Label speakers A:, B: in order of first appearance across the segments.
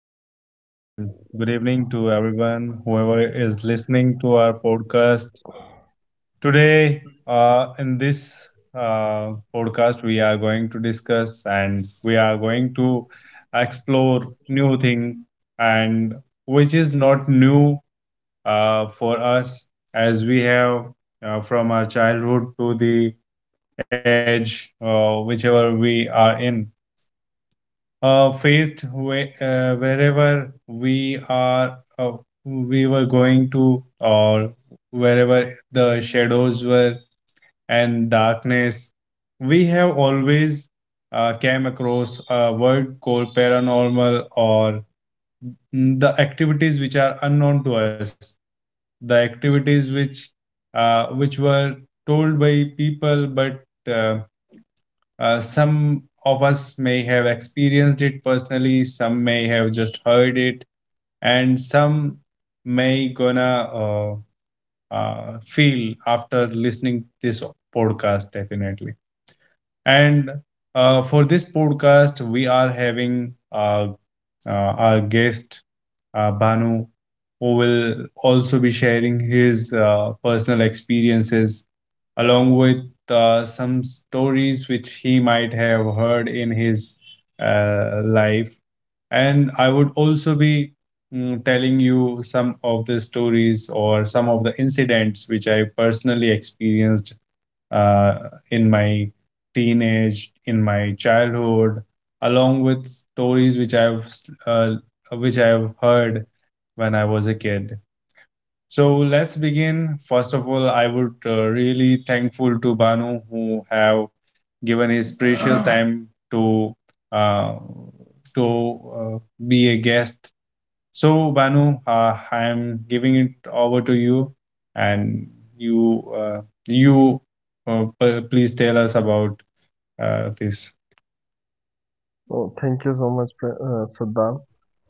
A: guys, and good evening to everyone, whoever is listening to our podcast. Today, in this podcast, we are going to discuss and we are going to explore new thing and which is not new for us as we have from our childhood to the age whichever we are in, faced wherever we are, we were going to or wherever the shadows were and darkness, we have always came across a word called paranormal or the activities which are unknown to us, the activities which were told by people, but some of us may have experienced it personally, some may have just heard it, and some may gonna feel after listening this podcast definitely. And for this podcast, we are having a our guest, Banu, who will also be sharing his personal experiences along with some stories which he might have heard in his life. And I would also be telling you some of the stories or some of the incidents which I personally experienced uh, in my teenage, in my childhood, along with stories which I've uh, which I've heard when I was a kid. So let's begin. First of all, I would really thankful to Banu who have given his precious time to uh, to uh, be a guest. So, Banu, I am giving it over to you, and you uh, you please tell us about this.
B: Oh, thank you so much, Saddam,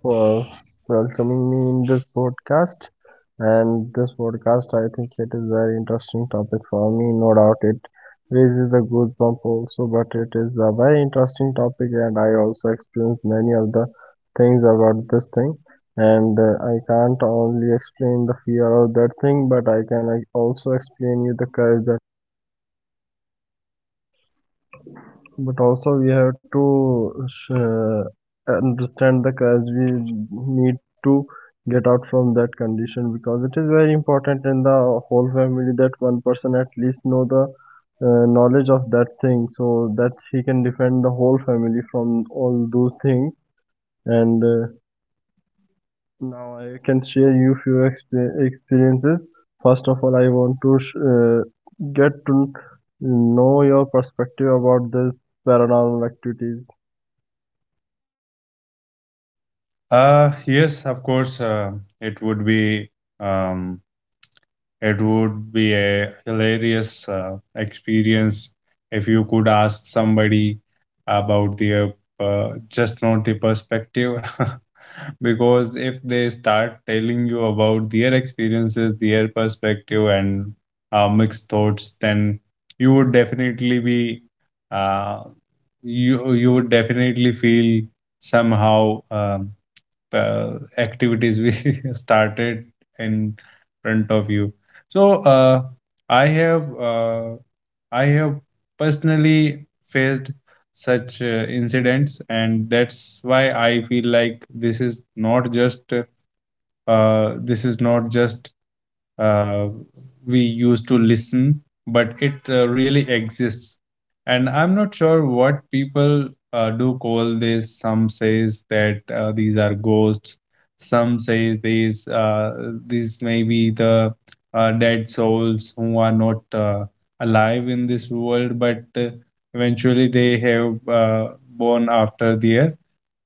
B: for welcoming me in this podcast. And this podcast, I think it is very interesting topic for me. No doubt, it raises the goosebump also, but it is a very interesting topic, and I also experienced many of the things about this thing. And I can't only explain the fear of that thing, but I can also explain you the courage that. But also we have to understand the cause we need to get out from that condition, because it is very important in the whole family that one person at least know the knowledge of that thing, so that he can defend the whole family from all those things. And now I can share you few experiences. First of all, I want to get to know your perspective about this paranormal activities.
A: Yes, of course, it would be. Um, It would be a hilarious experience if you could ask somebody about their just not the perspective. Because if they start telling you about their experiences, their perspective, and mixed thoughts, then you would definitely be uh, you would definitely feel somehow. Activities we started in front of you. So i have uh, I have personally faced such incidents, and that's why I feel like this is not just, uh, this is not just uh, we used to listen, but it really exists. And I'm not sure what people do call this. Some says that these are ghosts. Some say these may be the dead souls who are not alive in this world, but eventually they have born after there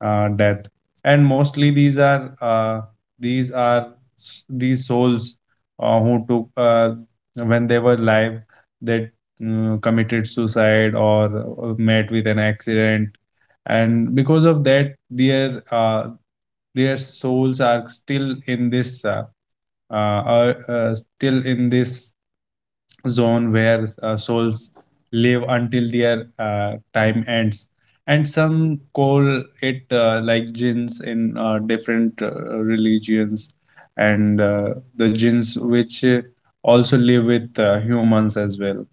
A: death. And mostly these are these are these souls who took, when they were alive, they committed suicide or met with an accident, and because of that their souls are uh, still in this zone where souls live until their time ends. And some call it like jinns in different religions, and the jinns which also live with humans as well.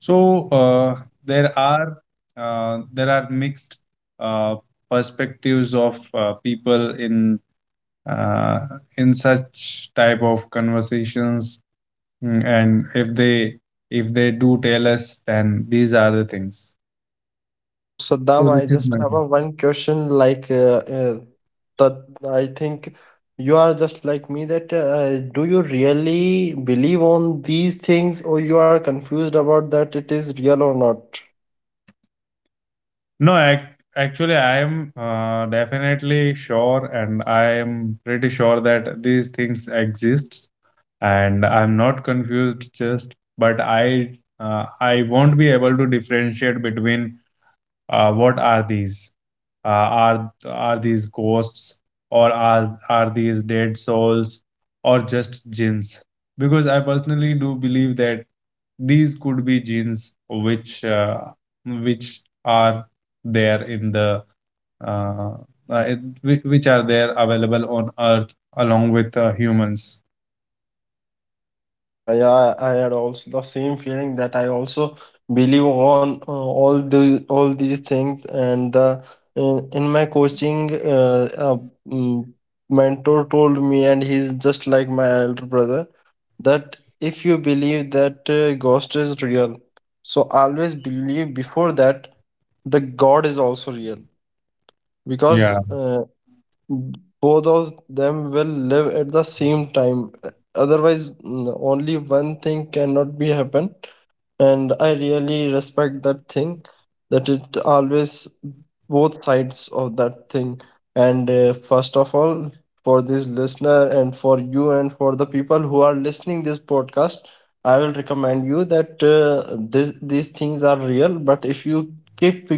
A: So there are mixed uh, perspectives of people uh, in such type of conversations. And if they do tell us, then these are the things.
B: So Saddam,
A: So
B: I
A: this is
B: just
A: my
B: have
A: thing.
B: a one question, like that I think you are just like me, that do you really believe on these things, or you are confused about that it is real or not?
A: No, ac Actually, I am definitely sure, and I am pretty sure that these things exist, and I'm not confused. Just, but I, I won't be able to differentiate between what are these, uh, are these ghosts or are these dead souls or just jinns, because I personally do believe that these could be jinns which which are there in the uh, which are there available on earth along with humans.
B: Yeah, yeah, I had also the same feeling, that I also believe on all these things. And the in my coaching mm, mentor told me, and he's just like my elder brother, that if you believe that ghost is real, so always believe before that the God is also real, because
A: Yeah.
B: both of them will live at the same time. Otherwise, only one thing cannot be happen. And I really respect that thing, that it always both sides of that thing. And first of all, for this listener and for you and for the people who are listening this podcast, I will recommend you that this these things are real, but if you keep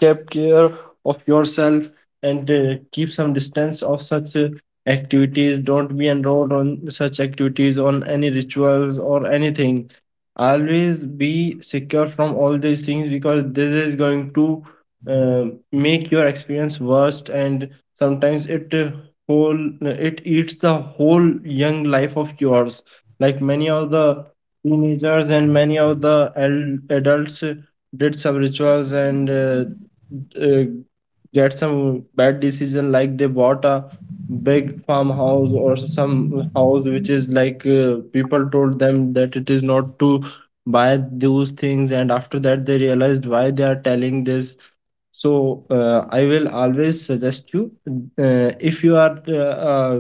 B: kept care of yourself, and keep some distance of such activities, don't be enrolled on such activities, on any rituals or anything. Always be secure from all these things, because this is going to uh, make your experience worst. And sometimes it whole it eats the whole young life of yours, like many of the teenagers and many of the adults did some rituals, and uh, get some bad decision, like they bought a big farmhouse or some house which is like people told them that it is not to buy those things, and after that they realized why they are telling this. So I will always suggest you, if you are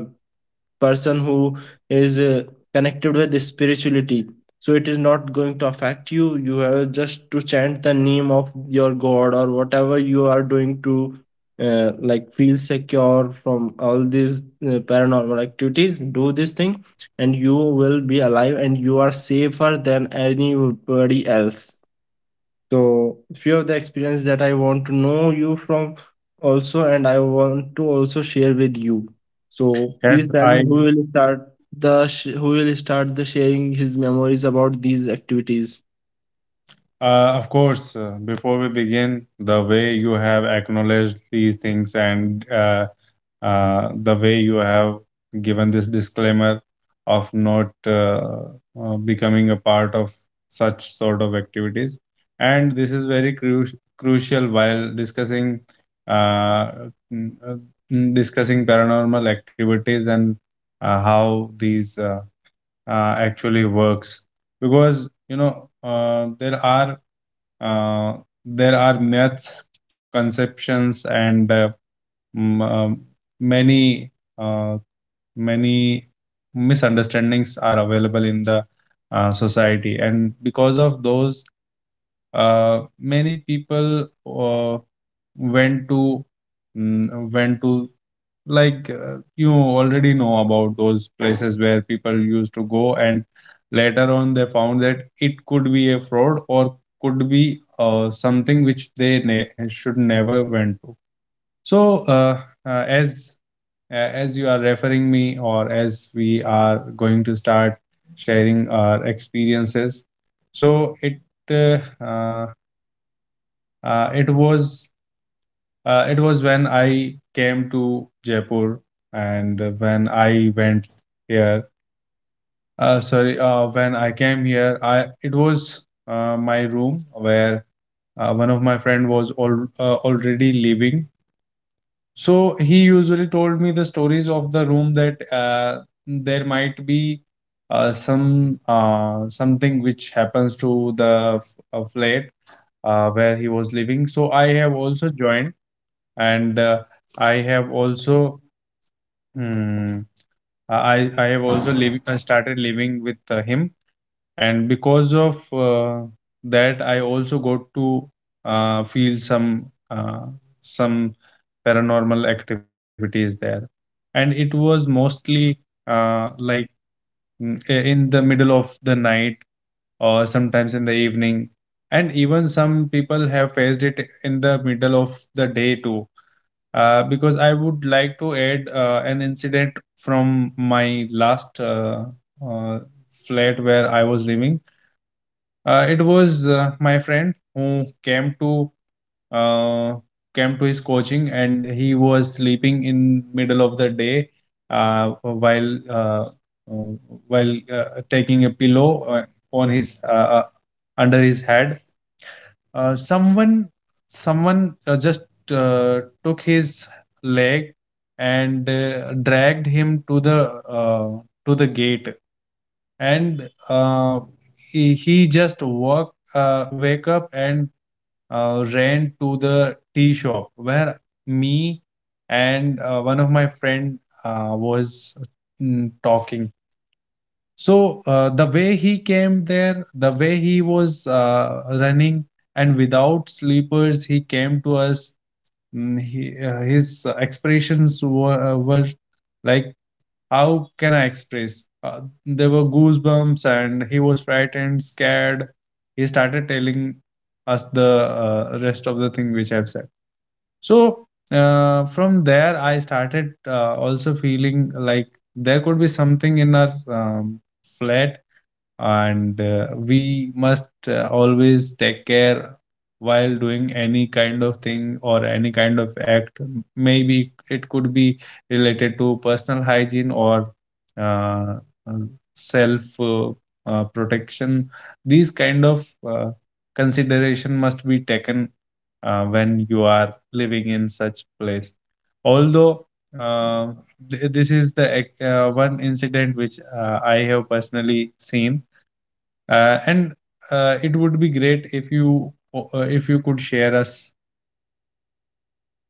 B: person who is connected with the spirituality, so it is not going to affect you. You have just to chant the name of your god, or whatever you are doing to like feel secure from all these paranormal activities. Do this thing and you will be alive, and you are safer than anybody else. So few of the experience that I want to know you from also, and I want to also share with you. So
A: Yes,
B: please tell me,
A: I,
B: who will start the sharing his memories about these activities?
A: of course, before we begin, the way you have acknowledged these things, and the way you have given this disclaimer of not becoming a part of such sort of activities, and this is very crucial while discussing uh, n- uh, discussing paranormal activities and how these actually works. Because you know, there are uh, there are myths, conceptions, and m- um, many uh, many misunderstandings are available in the society, and because of those, many people went to mm, went to like, you already know about those places where people used to go, and later on they found that it could be a fraud or could be something which they should never went to. So, as you are referring me, or as we are going to start sharing our experiences, so it uh, uh, uh, it was it was when I came to Jaipur, and when I went here. Sorry, when I came here, I it was my room where one of my friend was all, already living. So he usually told me the stories of the room, that there might be some something which happens to the flat where he was living. So I have also joined, and I have also mm, I have also started living with him, and because of that I also got to feel some paranormal activities there. And it was mostly like, in the middle of the night or sometimes in the evening, and even some people have faced it in the middle of the day too. Because I would like to add an incident from my last, uh, flat where I was living. It was my friend who came to uh, came to his coaching, and he was sleeping in middle of the day, uh, while uh, uh, while taking a pillow on his under his head. Uh, someone someone just took his leg and dragged him to the gate, and he just walk wake up and ran to the tea shop where me and one of my friend was talking. So the way he came there, the way he was running, and without sleepers he came to us. He, his expressions were, were, like, how can I express? There were goosebumps, and he was frightened, scared. He started telling us the rest of the thing which I've said. So from there, I started also feeling like there could be something in our flat, and we must always take care while doing any kind of thing or any kind of act. Maybe it could be related to personal hygiene or uh, self protection. These kind of consideration must be taken when you are living in such place. Although, uh, this is the one incident which I have personally seen, and it would be great if you, if you could share us.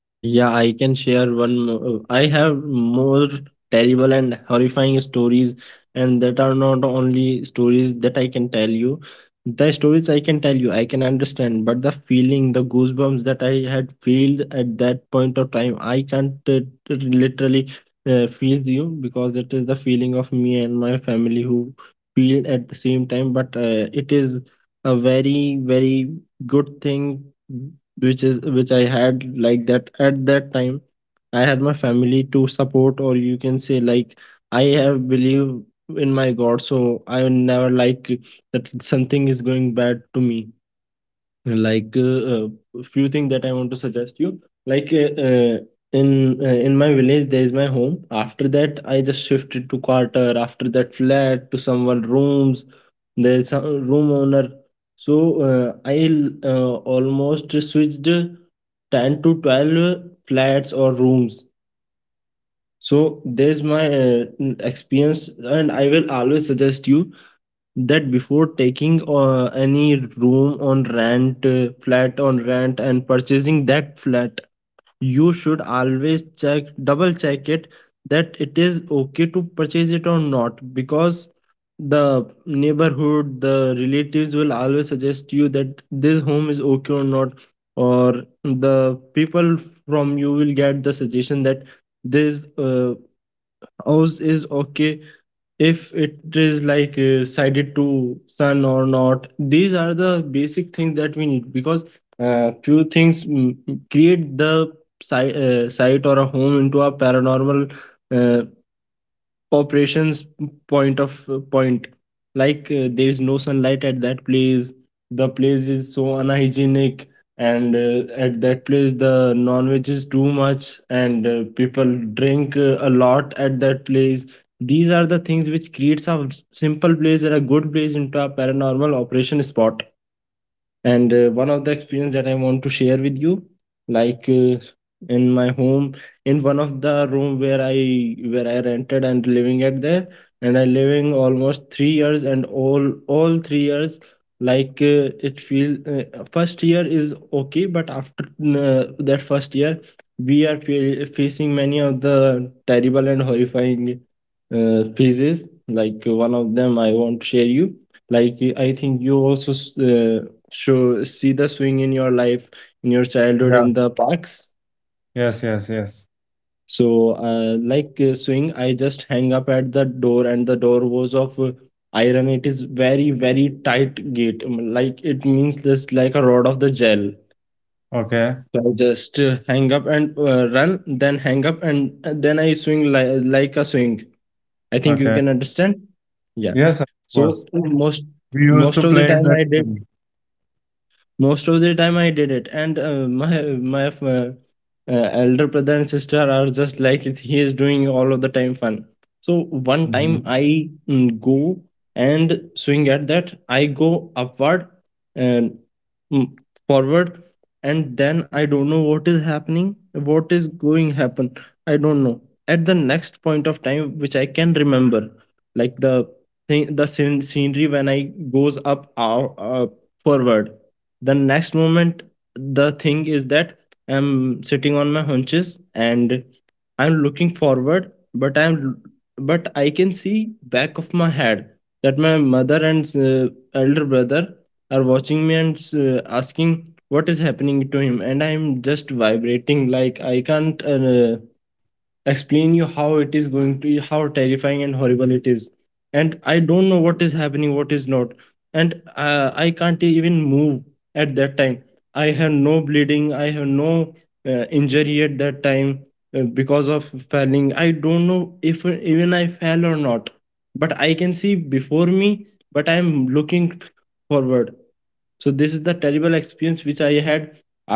B: Yeah, I can share one more. I have more terrible and horrifying stories, and that are not only stories that I can tell you. The stories I can tell you, I can understand, but the feeling, the goosebumps that I had felt at that point of time, I can't literally feel you, because it is the feeling of me and my family who feel at the same time. But it is a very, very good thing, which is which I had like that at that time. I had my family to support, or you can say, like I have believe in my God, so I will never like that something is going bad to me, like a few things that I want to suggest you. Like in my village there is my home. After that, I just shifted to quarter, after that flat to someone rooms. There's a room owner. So I almost switched 10 to 12 flats or rooms. So there's my experience, and I will always suggest you that before taking any room on rent, flat on rent, and purchasing that flat, you should always check double check it, that it is okay to purchase it or not. Because the neighborhood, the relatives will always suggest you that this home is okay or not. Or the people, from you will get the suggestion that this house is okay, if it is like sided to sun or not. These are the basic things that we need, because few things create the site or a home into a paranormal uh, operations point, like there is no sunlight at that place, the place is so unhygienic, and at that place the non-veg is too much, and people drink a lot at that place. These are the things which creates a simple place and a good place into a paranormal operation spot. And one of the experience that I want to share with you, like in my home, in one of the room where I rented and living at there, and I living almost 3 years. And all 3 years, like it feel, first year is okay, but after that first year we are facing many of the terrible and horrifying phases. Like one of them I want to share you, like I think you also s- show see the swing in your life, in your childhood, in
A: Yeah.
B: the parks.
A: Yes. Yes. Yes.
B: So like swing, I just hang up at the door, and the door was of iron. It is very very tight gate. Like it means, just like a rod of the gel.
A: Okay.
B: So I just hang up and run, then hang up, and then I swing, like a swing, I think you
A: Okay.
B: can understand. Yeah.
A: Yes. Of
B: So
A: course. We used
B: most
A: to
B: of
A: play
B: the
A: in
B: time
A: that thing.
B: I did it. And my uh, elder brother and sister are just like, he is doing all of the time fun. So one
A: Hmm.
B: time I go and swing. At that I go upward and mm, forward. And then I don't know what is happening, what is going happen, I don't know. At the next point of time which I can remember, like the thing, the scenery when I goes up, forward, the next moment, the thing is that I'm sitting on my hunches, and I'm looking forward, but I can see back of my head, that my mother and elder brother are watching me and asking what is happening to him, and I'm just vibrating. Like I can't explain you how it is going to, how terrifying and horrible it is. And I don't know what is happening, what is not. And I can't even move at that time. I have no bleeding, I have no injury at that time, because of falling. I don't know if even I fell or not, but I can see before me, but I am looking forward. So this is the terrible experience which I had.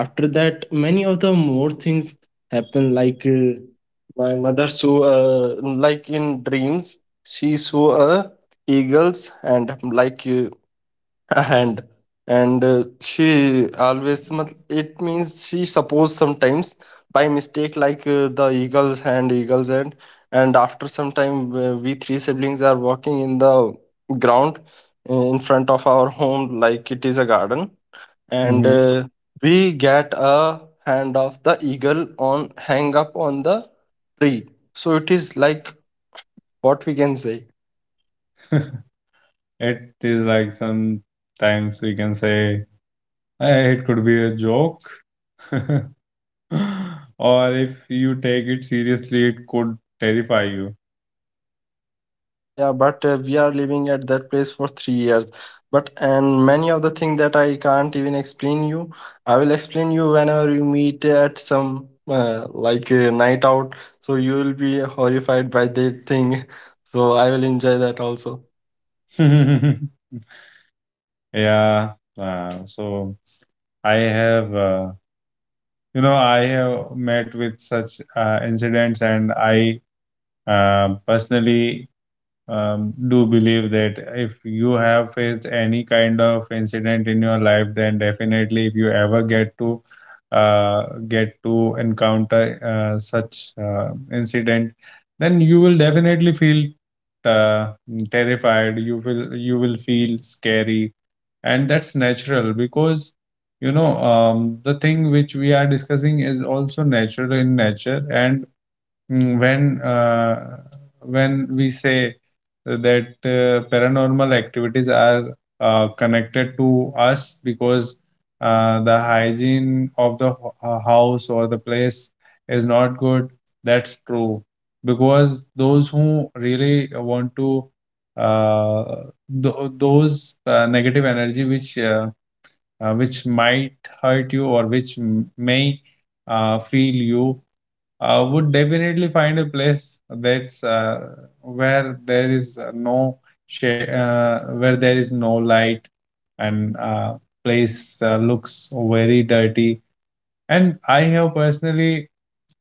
B: After that, many of the more things happen, like my mother saw, like in dreams, she saw a eagles, and like a hand. And she always it means, she suppose sometimes by mistake, like the eagles hand, eagles hand. And after some time we three siblings are walking in the ground, in front of our home, like it is a garden. And
A: Hmm.
B: we get a hand of the eagle on hang up on the tree. So it is like, what we can say.
A: It is like, sometimes we can say, eh, it could be a joke, or if you take it seriously, it could terrify you.
B: Yeah, yeah. But we are living at that place for 3 years. But and many of the thing that I can't even explain you, I will explain you whenever we meet at some like a night out. So you will be horrified by that thing. So I will enjoy that also.
A: Yeah. So I have. You know, I have met with such incidents, and I personally do believe that if you have faced any kind of incident in your life, then definitely if you ever get to encounter such incident, then you will definitely feel uh, terrified. You will feel scary, and that's natural, because you know, the thing which we are discussing is also natural in nature. And Mm, when uh, when we say that, paranormal activities are connected to us because the hygiene of the house or the place is not good, that's true. Because those who really want to, uh, those negative energy which might hurt you or which may feel you, I would definitely find a place that's, where there is no shade, where there is no light, and place looks very dirty. And I have personally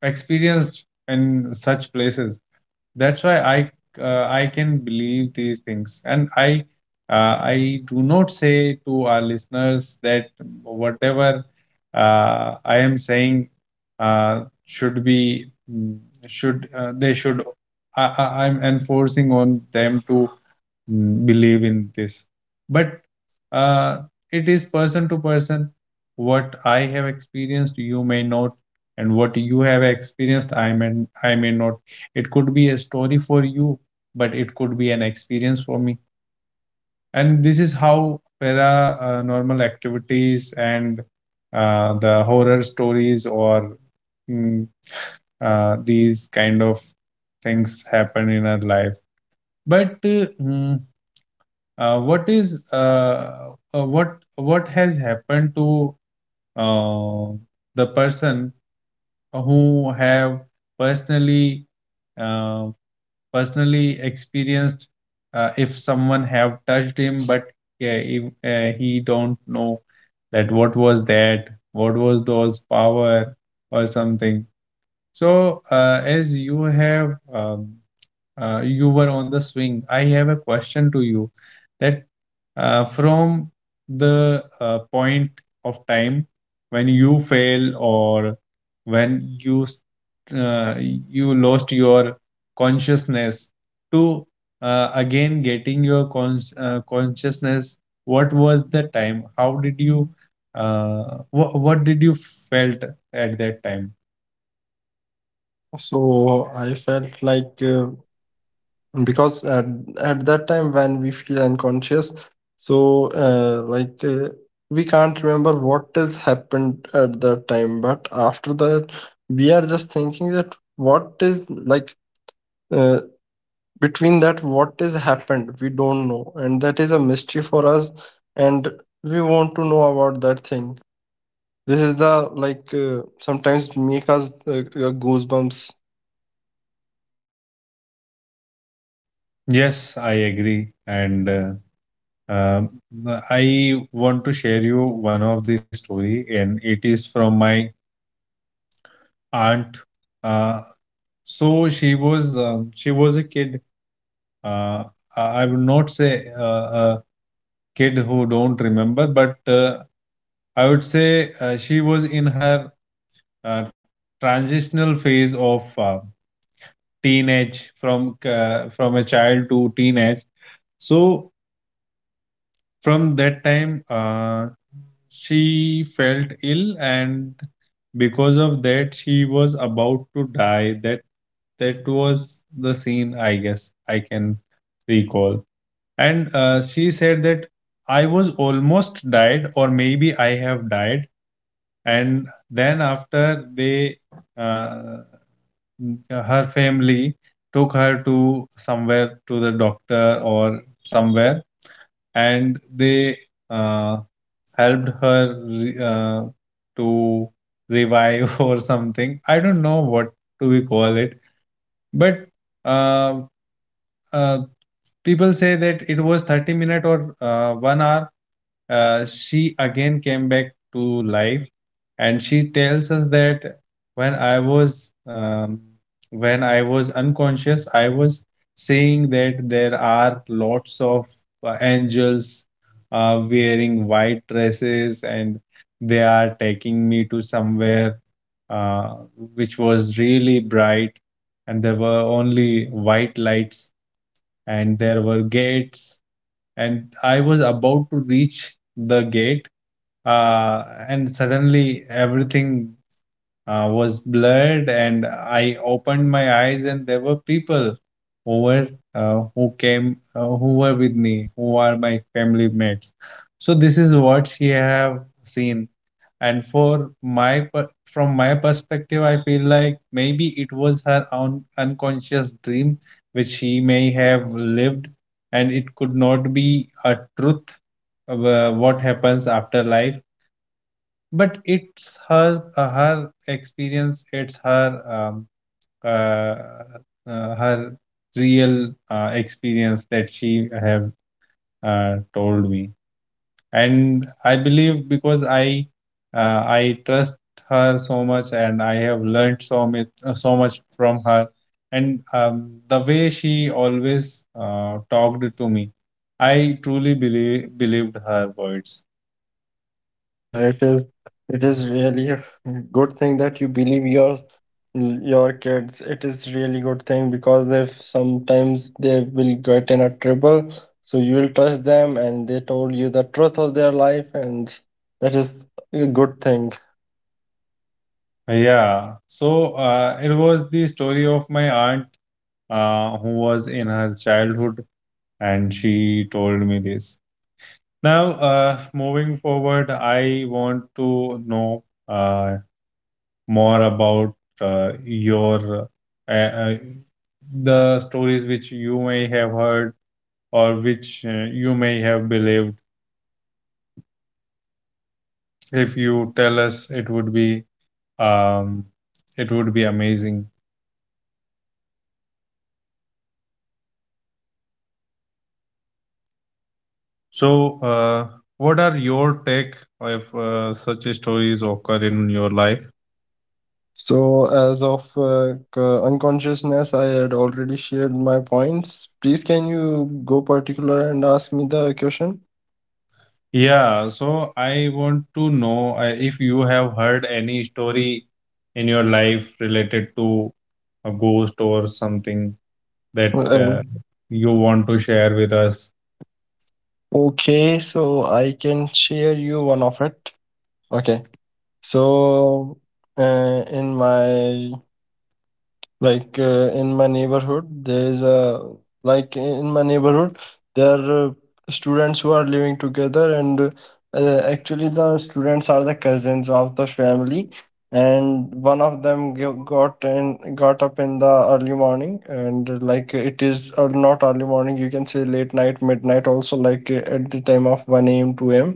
A: experienced in such places, that's why I I can believe these things. And I do not say to our listeners that whatever I am saying should be mm, should they should I'm enforcing on them to believe in this. But uh, it is person to person. What I have experienced, you may not, and what you have experienced, I may not. It could be a story for you, but it could be an experience for me. And this is how para- normal activities and the horror stories or mm, these kind of things happen in our life. But mm, what is what has happened to uh, the person who have personally uh, personally experienced, if someone have touched him. But yeah, if, he don't know that what was that, what was those power or something. So as you have you were on the swing. I have a question to you, that from the point of time when you fail, or when you lost your consciousness to again getting your consciousness, what was the time? How did you what did you felt at that time?
B: So I felt like, because at that time when we feel unconscious, so like we can't remember what has happened at that time. But after that we are just thinking that what is, like uh, between that, what has happened we don't know, and that is a mystery for us, and we want to know about that thing. This is the, like sometimes make us goosebumps.
A: Yes, I agree. And Um, I want to share you one of the story, and it is from my aunt. Uh, so she was a kid. Uh, I would not say a kid who don't remember, but I would say she was in her uh, transitional phase of teenage, from a child to teenage. So from that time, she felt ill, and because of that, she was about to die. That was the scene, I guess I can recall. And she said that I was almost died, or maybe I have died. And then after uh, her family took her to somewhere, to the doctor or somewhere, and they. Uh, helped her to revive or something. I don't know what do we call it, but uh, uh, people say that it was 30 minute, or 1 hour, she again came back to life. And she tells us that when i was um, when I was unconscious, I was saying that there are lots of angels wearing white dresses, and they are taking me to somewhere uh, which was really bright, and there were only white lights, and there were gates, and I was about to reach the gate, and suddenly everything was blurred, and I opened my eyes, and there were people who were who were with me, who are my family mates. So this is what she have seen. And from my perspective, I feel like maybe it was her own unconscious dream, which she may have lived, and it could not be a truth of, what happens after life. But it's her experience, it's uh, her real experience that she have told me. And I believe, because I trust her so much, and I have learned so much, so much from her. And the way she always talked to me, I truly believed her words.
B: Yeah, it is. It is really a good thing that you believe your kids. It is really good thing because if sometimes they will get in a trouble, so you will trust them, and they told you the truth of their life, and that is a good thing.
A: Yeah, so it was the story of my aunt, who was in her childhood, and she told me this. Now, moving forward, I want to know uh, more about your uh, uh, the stories which you may have heard, or which you may have believed. If you tell us, um, it would be amazing. So, what are your take if such stories occur in your life?
B: So, as of unconsciousness, I had already shared my points. Please, can you go particular and ask me the question?
A: Yeah, so I want to know, if you have heard any story in your life related to a ghost or something, that
B: Um,
A: you want to share with us.
B: okay, so I can share you one of it. Okay. So, uh, in my in my neighborhood, there is a in my neighborhood, there are students who are living together, and actually the students are the cousins of the family, and one of them got up in the early morning, and like it is or not early morning, you can say late night, midnight also, at the time of one a.m., two a.m.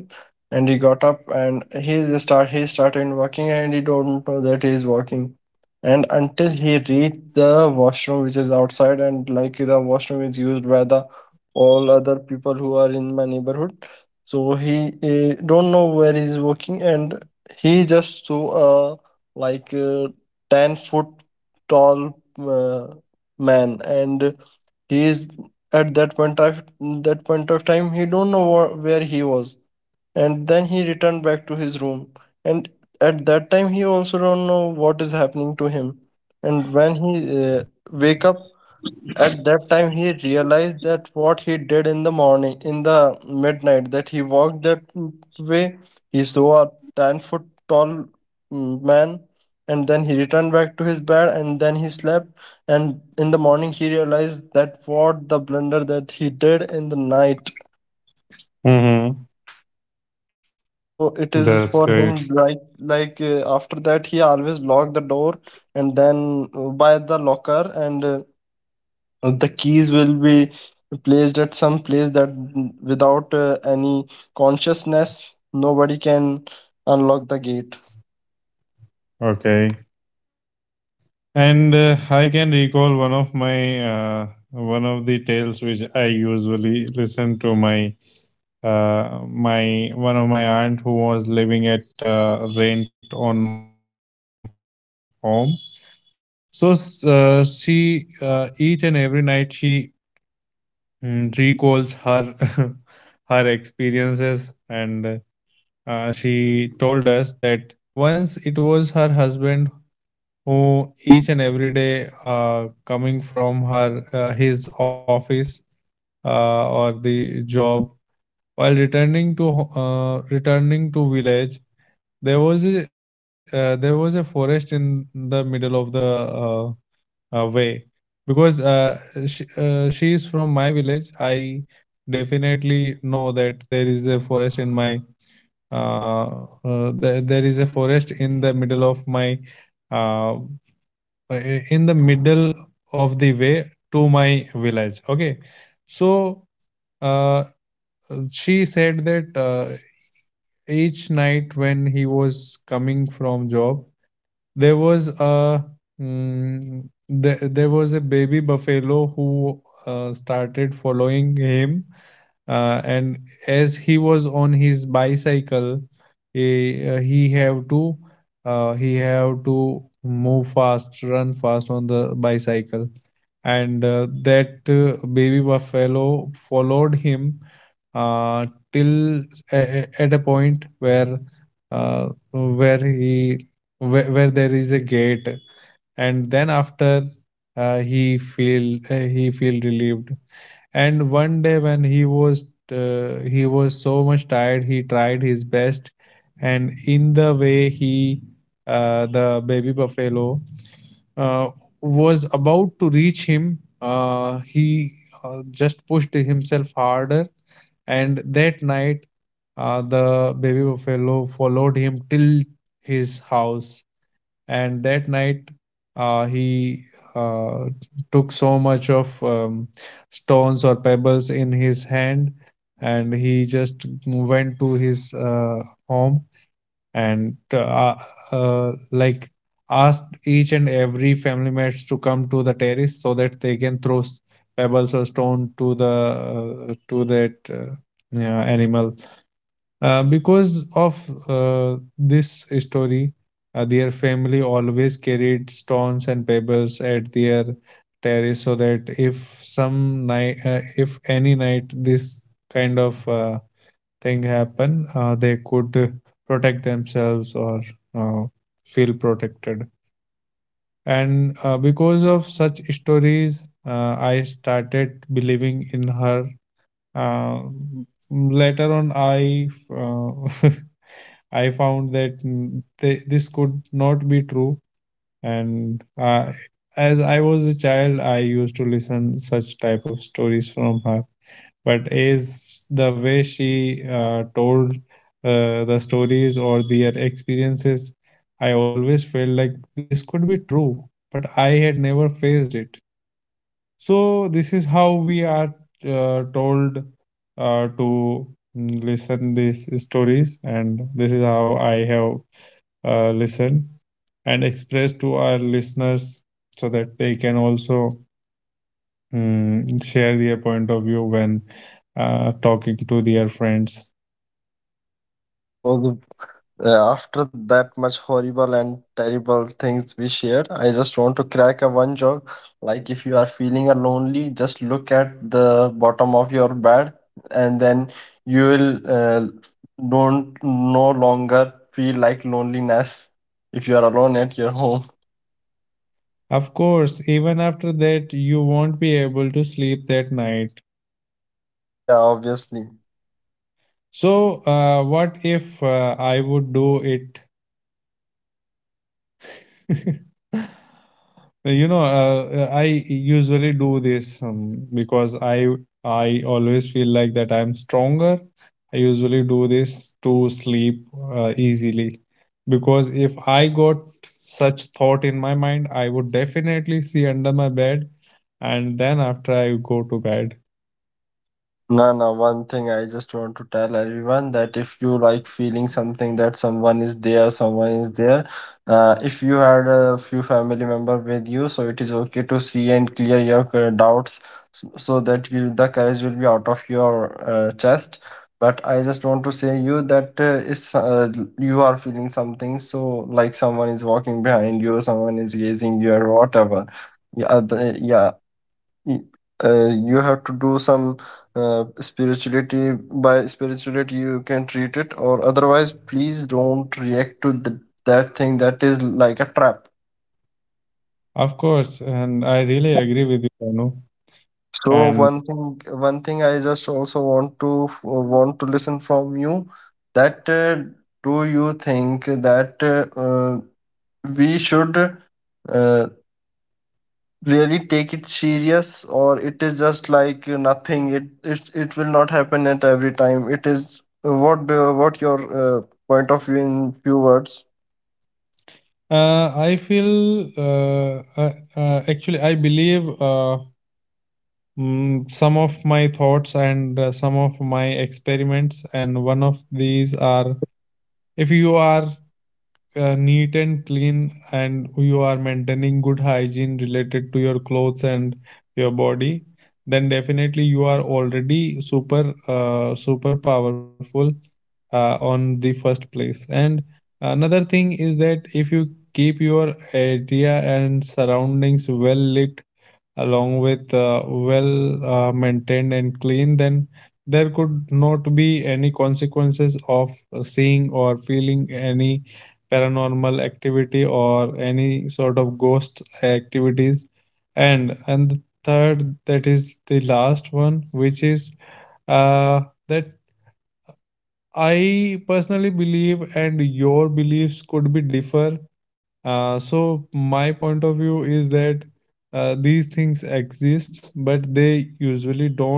B: And he got up and he started working and he don't know that he is working, and until he reached the washroom which is outside, and like the washroom is used by the all other people who are in my neighborhood. So he don't know where he's working, and he just saw a like uh, 10-foot tall man. And he is at that point of time, he don't know where he was, and then he returned back to his room. And at that time he also don't know what is happening to him, and when he wake up, at that time he realized that what he did in the morning, in the midnight, that he walked that way, he saw a 10-foot tall man, and then he returned back to his bed and then he slept. And in the morning he realized that what the blunder that he did in the night.
A: Mm-hmm.
B: So it
A: That's
B: is for
A: great.
B: him like after that he always lock the door, and then by the locker, and the keys will be placed at some place that without any consciousness nobody can unlock the gate.
A: Okay. And I can recall one of the tales which I usually listen to my one of my aunt who was living at rent on my home. So s- she each and every night, she recalls her her experiences. And she told us that once it was her husband who each and every day, coming from her his office, or the job, while returning to village. There was a forest in the middle of the uh, way. Because she is from my village. I definitely know that there is a forest in my. Uh, uh, there, there is a forest in the middle of my uh, in the middle of the way to my village. Okay, so uh, she said that each night when he was coming from job, There was a mm, there was a baby buffalo who started following him, and as he was on his bicycle, he uh, he have to he have to move fast, run fast on the bicycle. And that baby buffalo followed him uh, till at a point uh, where he where there is a gate, and then after, he feel relieved. And one day when he was so much tired, he tried his best, and in the way he the baby buffalo uh, was about to reach him, he just pushed himself harder, and that night, the baby buffalo followed him till his house. And that night, he uh, took so much of stones or pebbles in his hand, and he just went to his home. And like asked each and every family members to come to the terrace, so that they can throw pebbles or stone to the, to that, yeah, animal. Because of this story, their family always carried stones and pebbles at their terrace, so that if any night this kind of thing happen, they could protect themselves, or uh, feel protected. And because of such stories, I started believing in her. Uh, Later on, I uh, I found that this could not be true. And as I was a child, I used to listen such type of stories from her, but is the way she told the stories or their experiences, I always felt like this could be true. But I had never faced it. So this is how we are told to listen these stories. And this is how I have listened and expressed to our listeners, so that they can also, Hmm, share their point of view when talking to their friends.
B: So the after that much horrible and terrible things we shared, I just want to crack a one joke. Like if you are feeling a lonely, just look at the bottom of your bed, and then you will don't no longer feel like loneliness if you are alone at your home.
A: Of course, even after that, you won't be able to sleep that night.
B: Yeah, obviously.
A: So, what if I would do it I usually do this. Because I always feel like that I'm stronger, I usually do this to sleep easily, because if I got such thought in my mind, I would definitely see under my bed, and then after, I go to bed.
B: No, no, one thing I just want to tell everyone that if you like feeling something that someone is there, if you had a few family member with you, so it is okay to see and clear your doubts, so, so that you, the courage will be out of your chest. But I just want to say you that if you are feeling something, so like someone is walking behind you, someone is gazing you, or whatever. Yeah, Y- you have to do some spirituality. By spirituality you can treat it, or otherwise please don't react to the, that thing that is like a trap.
A: Of course, and I really agree with you, Anu.
B: So
A: And
B: one thing I just also want to want to listen from you, that do you think that we should uh, really take it serious, or it is just like nothing, it will not happen at every time? It is what what your point of view in few words.
A: I feel actually I believe, some of my thoughts and some of my experiments, and one of these are, if you are neat and clean, and you are maintaining good hygiene related to your clothes and your body, then definitely you are already super powerful on the first place. And another thing is that if you keep your area and surroundings well lit, along with well maintained and clean, then there could not be any consequences of seeing or feeling any paranormal activity or any sort of ghost activities. And the third, that is the last one, which is uh, that I personally believe, and your beliefs could be differ. So my point of view is that these things exist, but they usually don't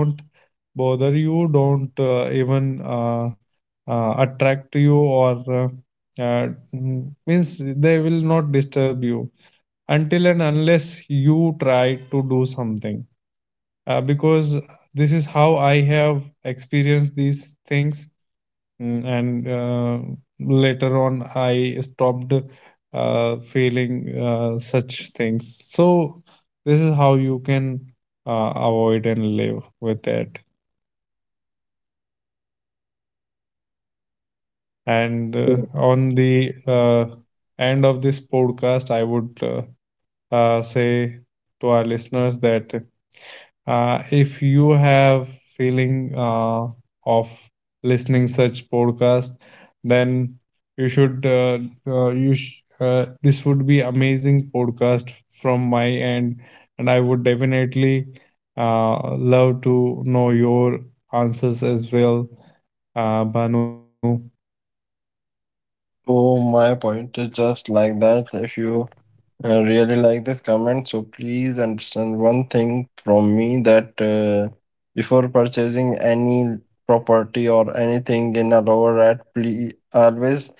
A: bother you, don't even attract you, or means they will not disturb you, until and unless you try to do something. Because this is how I have experienced these things. And later on, I stopped feeling such things. So this is how you can avoid and live with that. And on the end of this podcast, I would say to our listeners that, if you have feeling of listening such podcast, then you should you sh- this would be amazing podcast from my end, and I would definitely love to know your answers as well, Banu.
B: So my point is just like that if you, I really like this comment, so please understand one thing from me that before purchasing any property or anything in a lower rate, please always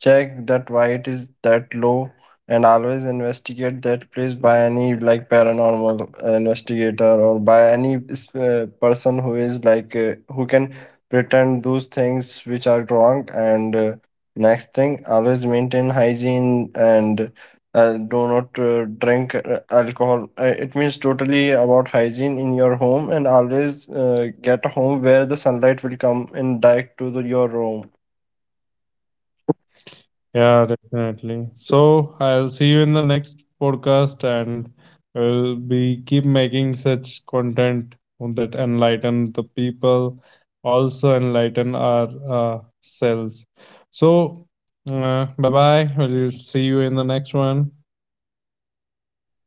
B: check that why it is that low, and always investigate that place by any like paranormal investigator or by any person who is like who can pretend those things which are wrong. And next thing, always maintain hygiene, and do not drink alcohol. It means totally about hygiene in your home, and always get a home where the sunlight will come in direct to the, your room.
A: Yeah, definitely. So I'll see you in the next podcast, and we'll be keep making such content that enlighten the people, also enlighten our selves. So, bye bye. We'll see you in the next one.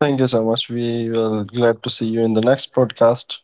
B: Thank you so much. We will glad to see you in the next podcast.